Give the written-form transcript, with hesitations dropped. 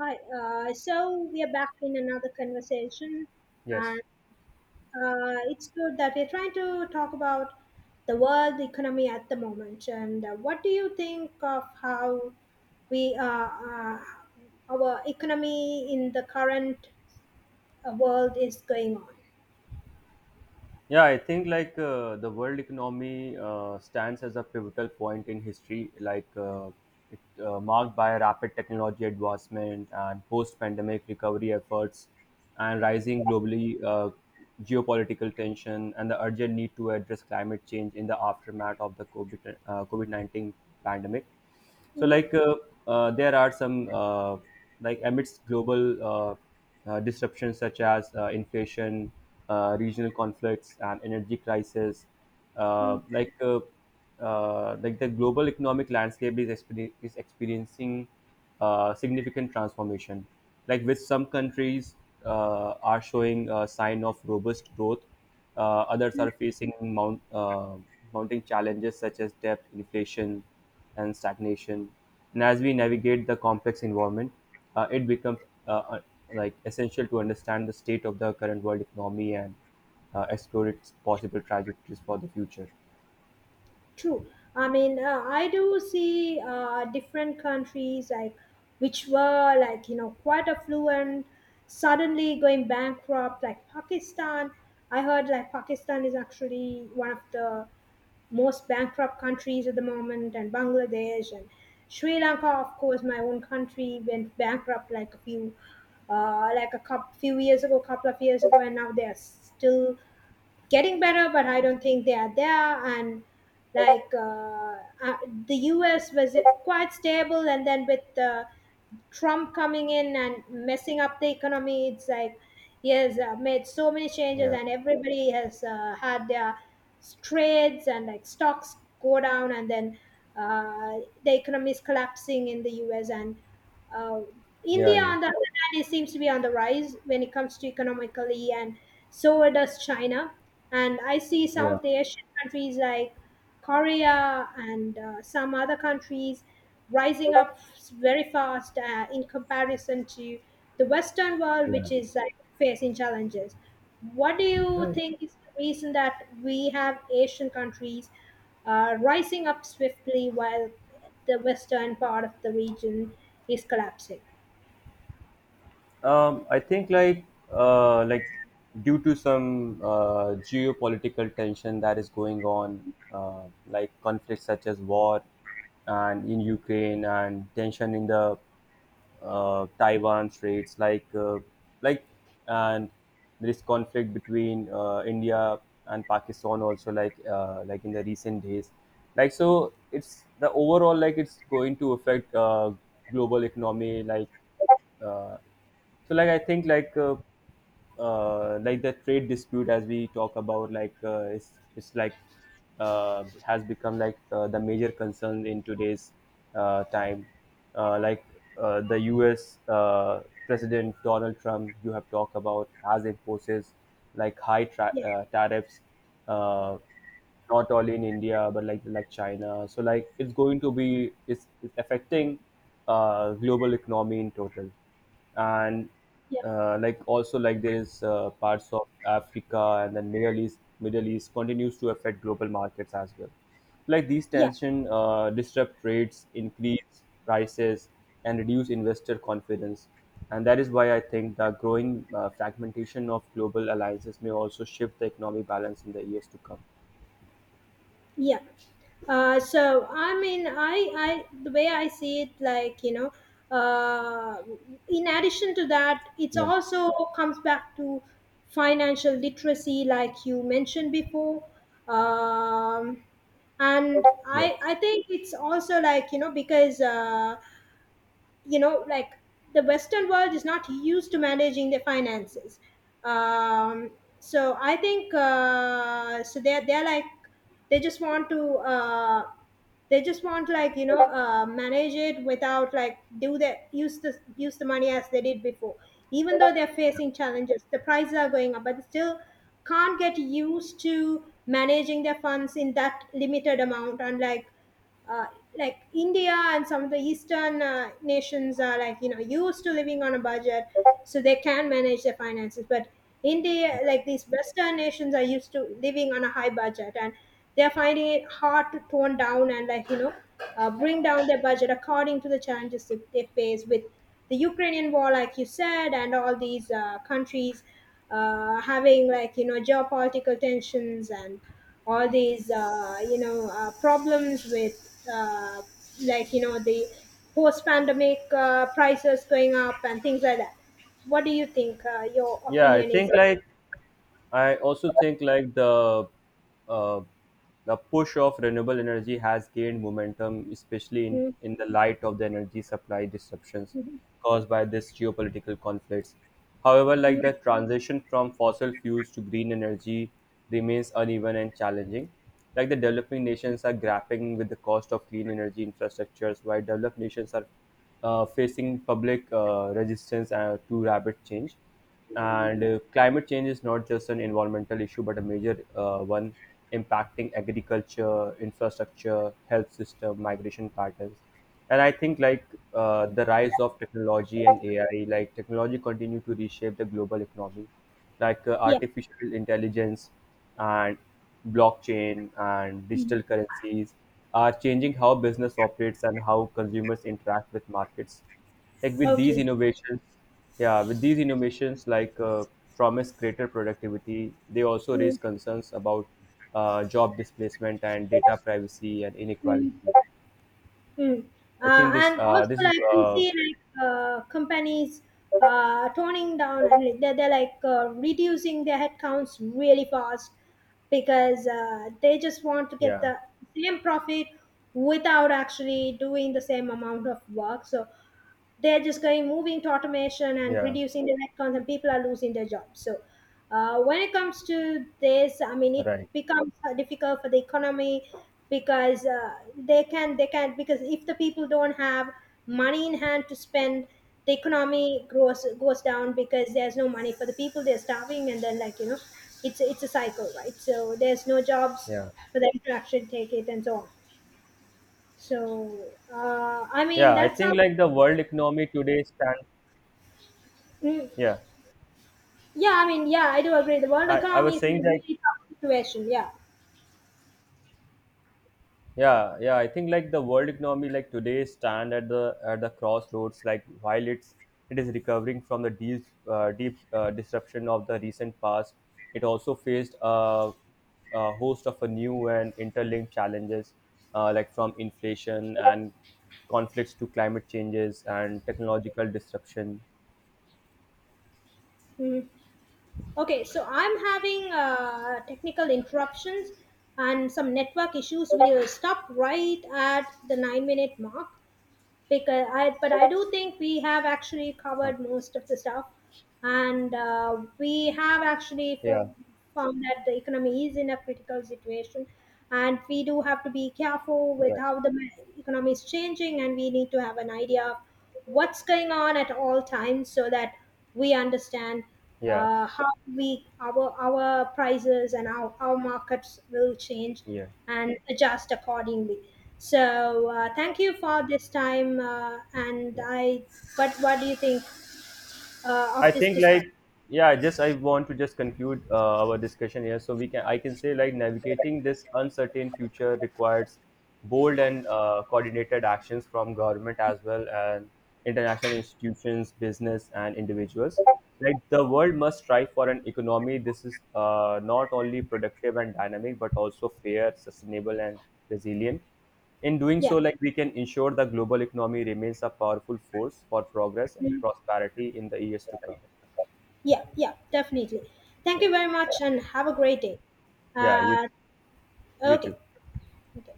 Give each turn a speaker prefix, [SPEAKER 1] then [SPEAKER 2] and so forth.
[SPEAKER 1] Hi. So we are back in another conversation,
[SPEAKER 2] Yes.
[SPEAKER 1] and it's good that we're trying to talk about the world economy at the moment. And what do you think of how we our economy in the current world is going on?
[SPEAKER 2] Yeah, I think like the world economy stands as a pivotal point in history, like it marked by rapid technology advancement and post-pandemic recovery efforts, and rising globally geopolitical tension and the urgent need to address climate change in the aftermath of the COVID 19 pandemic. So,
[SPEAKER 1] Mm-hmm.
[SPEAKER 2] like, uh, there are amidst global disruptions such as inflation, regional conflicts, and energy crisis, uh, like, uh, like the global economic landscape is experiencing significant transformation. Like, with some countries are showing a sign of robust growth, others are facing mounting challenges such as debt, inflation, and stagnation. And as we navigate the complex environment, it becomes uh, uh, like essential to understand the state of the current world economy and explore its possible trajectories for the future.
[SPEAKER 1] True. I mean, I do see different countries like which were quite affluent, suddenly going bankrupt, like Pakistan. I heard like Pakistan is actually one of the most bankrupt countries at the moment, and Bangladesh and Sri Lanka, of course, my own country went bankrupt like a couple, few years ago, couple of years ago, and now they are still getting better, but I don't think they are there. And like uh, uh, the US was quite stable, and then with the Trump coming in and messing up the economy. It's like he has made so many changes,
[SPEAKER 2] Yeah.
[SPEAKER 1] and everybody has had their trades and like stocks go down, and then the economy is collapsing in the U.S. and uh,
[SPEAKER 2] Yeah.
[SPEAKER 1] India,
[SPEAKER 2] Yeah.
[SPEAKER 1] on the other hand, it seems to be on the rise when it comes to economically, and so does China. And I see some
[SPEAKER 2] Yeah.
[SPEAKER 1] of the Asian countries like Korea and some other countries rising up very fast in comparison to the Western world,
[SPEAKER 2] Yeah.
[SPEAKER 1] which is like facing challenges. What do you
[SPEAKER 2] Right.
[SPEAKER 1] think is the reason that we have Asian countries rising up swiftly while the Western part of the region is collapsing?
[SPEAKER 2] I think like due to some geopolitical tension that is going on, like conflicts such as war and in Ukraine and tension in the Taiwan Straits, like and there is conflict between India and Pakistan also, like in the recent days, like so it's the overall like it's going to affect global economy, uh, so like I think like the trade dispute as we talk about it's, it's has become the major concern in today's time, uh, like the US president Donald Trump you have talked about has imposes like high tra-
[SPEAKER 1] Yeah,
[SPEAKER 2] uh, tariffs, uh, not only in India but like China. So like it's going to be, it's affecting global economy in total, and
[SPEAKER 1] yeah,
[SPEAKER 2] like also like there is parts of Africa and then Middle East continues to affect global markets as well. Like these
[SPEAKER 1] yeah,
[SPEAKER 2] tension disrupt trades, increase prices, and reduce investor confidence. And that is why I think the growing fragmentation of global alliances may also shift the economic balance in the years to come.
[SPEAKER 1] yeah. So I mean, I the way I see it, uh, in addition to that, it's
[SPEAKER 2] Yeah,
[SPEAKER 1] also comes back to financial literacy, like you mentioned before, um, and
[SPEAKER 2] yeah,
[SPEAKER 1] I think it's also because. You know like the western world is not used to managing their finances, um, so I think so they're like they just want to they just want manage it without like do the use the use the money as they did before, even though they're facing challenges, the prices are going up, but they still can't get used to managing their funds in that limited amount. Unlike uh, like India and some of the Eastern nations are used to living on a budget, so they can manage their finances. But India,
[SPEAKER 2] yeah.
[SPEAKER 1] like these Western nations, are used to living on a high budget, and they're finding it hard to tone down and bring down their budget according to the challenges that they face with the Ukrainian war, like you said, and all these countries having geopolitical tensions and all these problems with the post-pandemic prices going up and things like that. What do you think? Your
[SPEAKER 2] Yeah, I
[SPEAKER 1] opinion is?
[SPEAKER 2] think like I also think like uh, the push of renewable energy has gained momentum, especially in,
[SPEAKER 1] Mm,
[SPEAKER 2] in the light of the energy supply disruptions
[SPEAKER 1] mm,
[SPEAKER 2] caused by this geopolitical conflicts. However,
[SPEAKER 1] mm,
[SPEAKER 2] like the transition from fossil fuels to green energy remains uneven and challenging. Like the developing nations are grappling with the cost of clean energy infrastructures, while developed nations are facing public resistance to rapid change. And climate change is not just an environmental issue, but a major one impacting agriculture, infrastructure, health system, migration patterns. And I think the rise of technology and AI, like technology continue to reshape the global economy, like
[SPEAKER 1] yeah.
[SPEAKER 2] artificial intelligence and blockchain and
[SPEAKER 1] Mm,
[SPEAKER 2] digital currencies are changing how business operates and how consumers interact with markets like with these
[SPEAKER 1] okay.
[SPEAKER 2] innovations, yeah, with these innovations promise greater productivity, they also raise
[SPEAKER 1] Mm,
[SPEAKER 2] concerns about job displacement and data privacy and
[SPEAKER 1] mm.
[SPEAKER 2] inequality.
[SPEAKER 1] Mm.
[SPEAKER 2] I think this
[SPEAKER 1] And also,
[SPEAKER 2] this is
[SPEAKER 1] like we see, like companies toning down and like, they're like reducing their headcounts really fast because they just want to get
[SPEAKER 2] yeah
[SPEAKER 1] the same profit without actually doing the same amount of work. So they're just going moving to automation and
[SPEAKER 2] yeah
[SPEAKER 1] reducing the headcount and people are losing their jobs. So when it comes to this, I mean it
[SPEAKER 2] right,
[SPEAKER 1] becomes difficult for the economy because they can because if the people don't have money in hand to spend, the economy grows goes down because there's no money for the people, they're starving, and then it's a cycle, right? So there's no jobs
[SPEAKER 2] yeah,
[SPEAKER 1] for them to actually take it and so on. So I mean,
[SPEAKER 2] yeah, I
[SPEAKER 1] that's how.
[SPEAKER 2] think like the world economy today stands,
[SPEAKER 1] Mm.
[SPEAKER 2] yeah,
[SPEAKER 1] Yeah, I mean, yeah, I do agree. The world
[SPEAKER 2] I
[SPEAKER 1] economy
[SPEAKER 2] was
[SPEAKER 1] is in
[SPEAKER 2] saying
[SPEAKER 1] a
[SPEAKER 2] like,
[SPEAKER 1] really tough situation. Yeah.
[SPEAKER 2] yeah, yeah, I think like the world economy like today stand at the crossroads like while it is recovering from the deep deep disruption of the recent past. It also faced a host of a new and interlinked challenges, like from inflation and conflicts to climate changes and technological disruption.
[SPEAKER 1] Mhm. Okay, so I'm having technical interruptions and some network issues. We'll stop right at the 9 minute mark but I do think we have actually
[SPEAKER 2] Huh.
[SPEAKER 1] covered most of the stuff. And we have actually
[SPEAKER 2] Yeah,
[SPEAKER 1] found that the economy is in a critical situation, and we do have to be careful with
[SPEAKER 2] right.
[SPEAKER 1] how the economy is changing, and we need to have an idea of what's going on at all times so that we understand
[SPEAKER 2] Yeah,
[SPEAKER 1] how we our prices and our markets will change
[SPEAKER 2] yeah,
[SPEAKER 1] and adjust accordingly. So thank you for this time, and
[SPEAKER 2] yeah,
[SPEAKER 1] I but what do you think
[SPEAKER 2] I
[SPEAKER 1] of this
[SPEAKER 2] think
[SPEAKER 1] discussion?
[SPEAKER 2] like yeah, just I want to just conclude our discussion here. So we can, I can say like navigating this uncertain future requires bold and coordinated actions from government as well and international institutions, business and individuals. Like the world must strive for an economy. This is not only productive and dynamic, but also fair, sustainable and resilient. In doing so,
[SPEAKER 1] Yeah.
[SPEAKER 2] like we can ensure the global economy remains a powerful force for progress and
[SPEAKER 1] Mm.
[SPEAKER 2] prosperity in the years to come.
[SPEAKER 1] Yeah, yeah, definitely. Thank
[SPEAKER 2] Yeah,
[SPEAKER 1] you very much and have a great day.
[SPEAKER 2] yeah, you,
[SPEAKER 1] Uh,
[SPEAKER 2] you
[SPEAKER 1] okay,
[SPEAKER 2] too.
[SPEAKER 1] okay.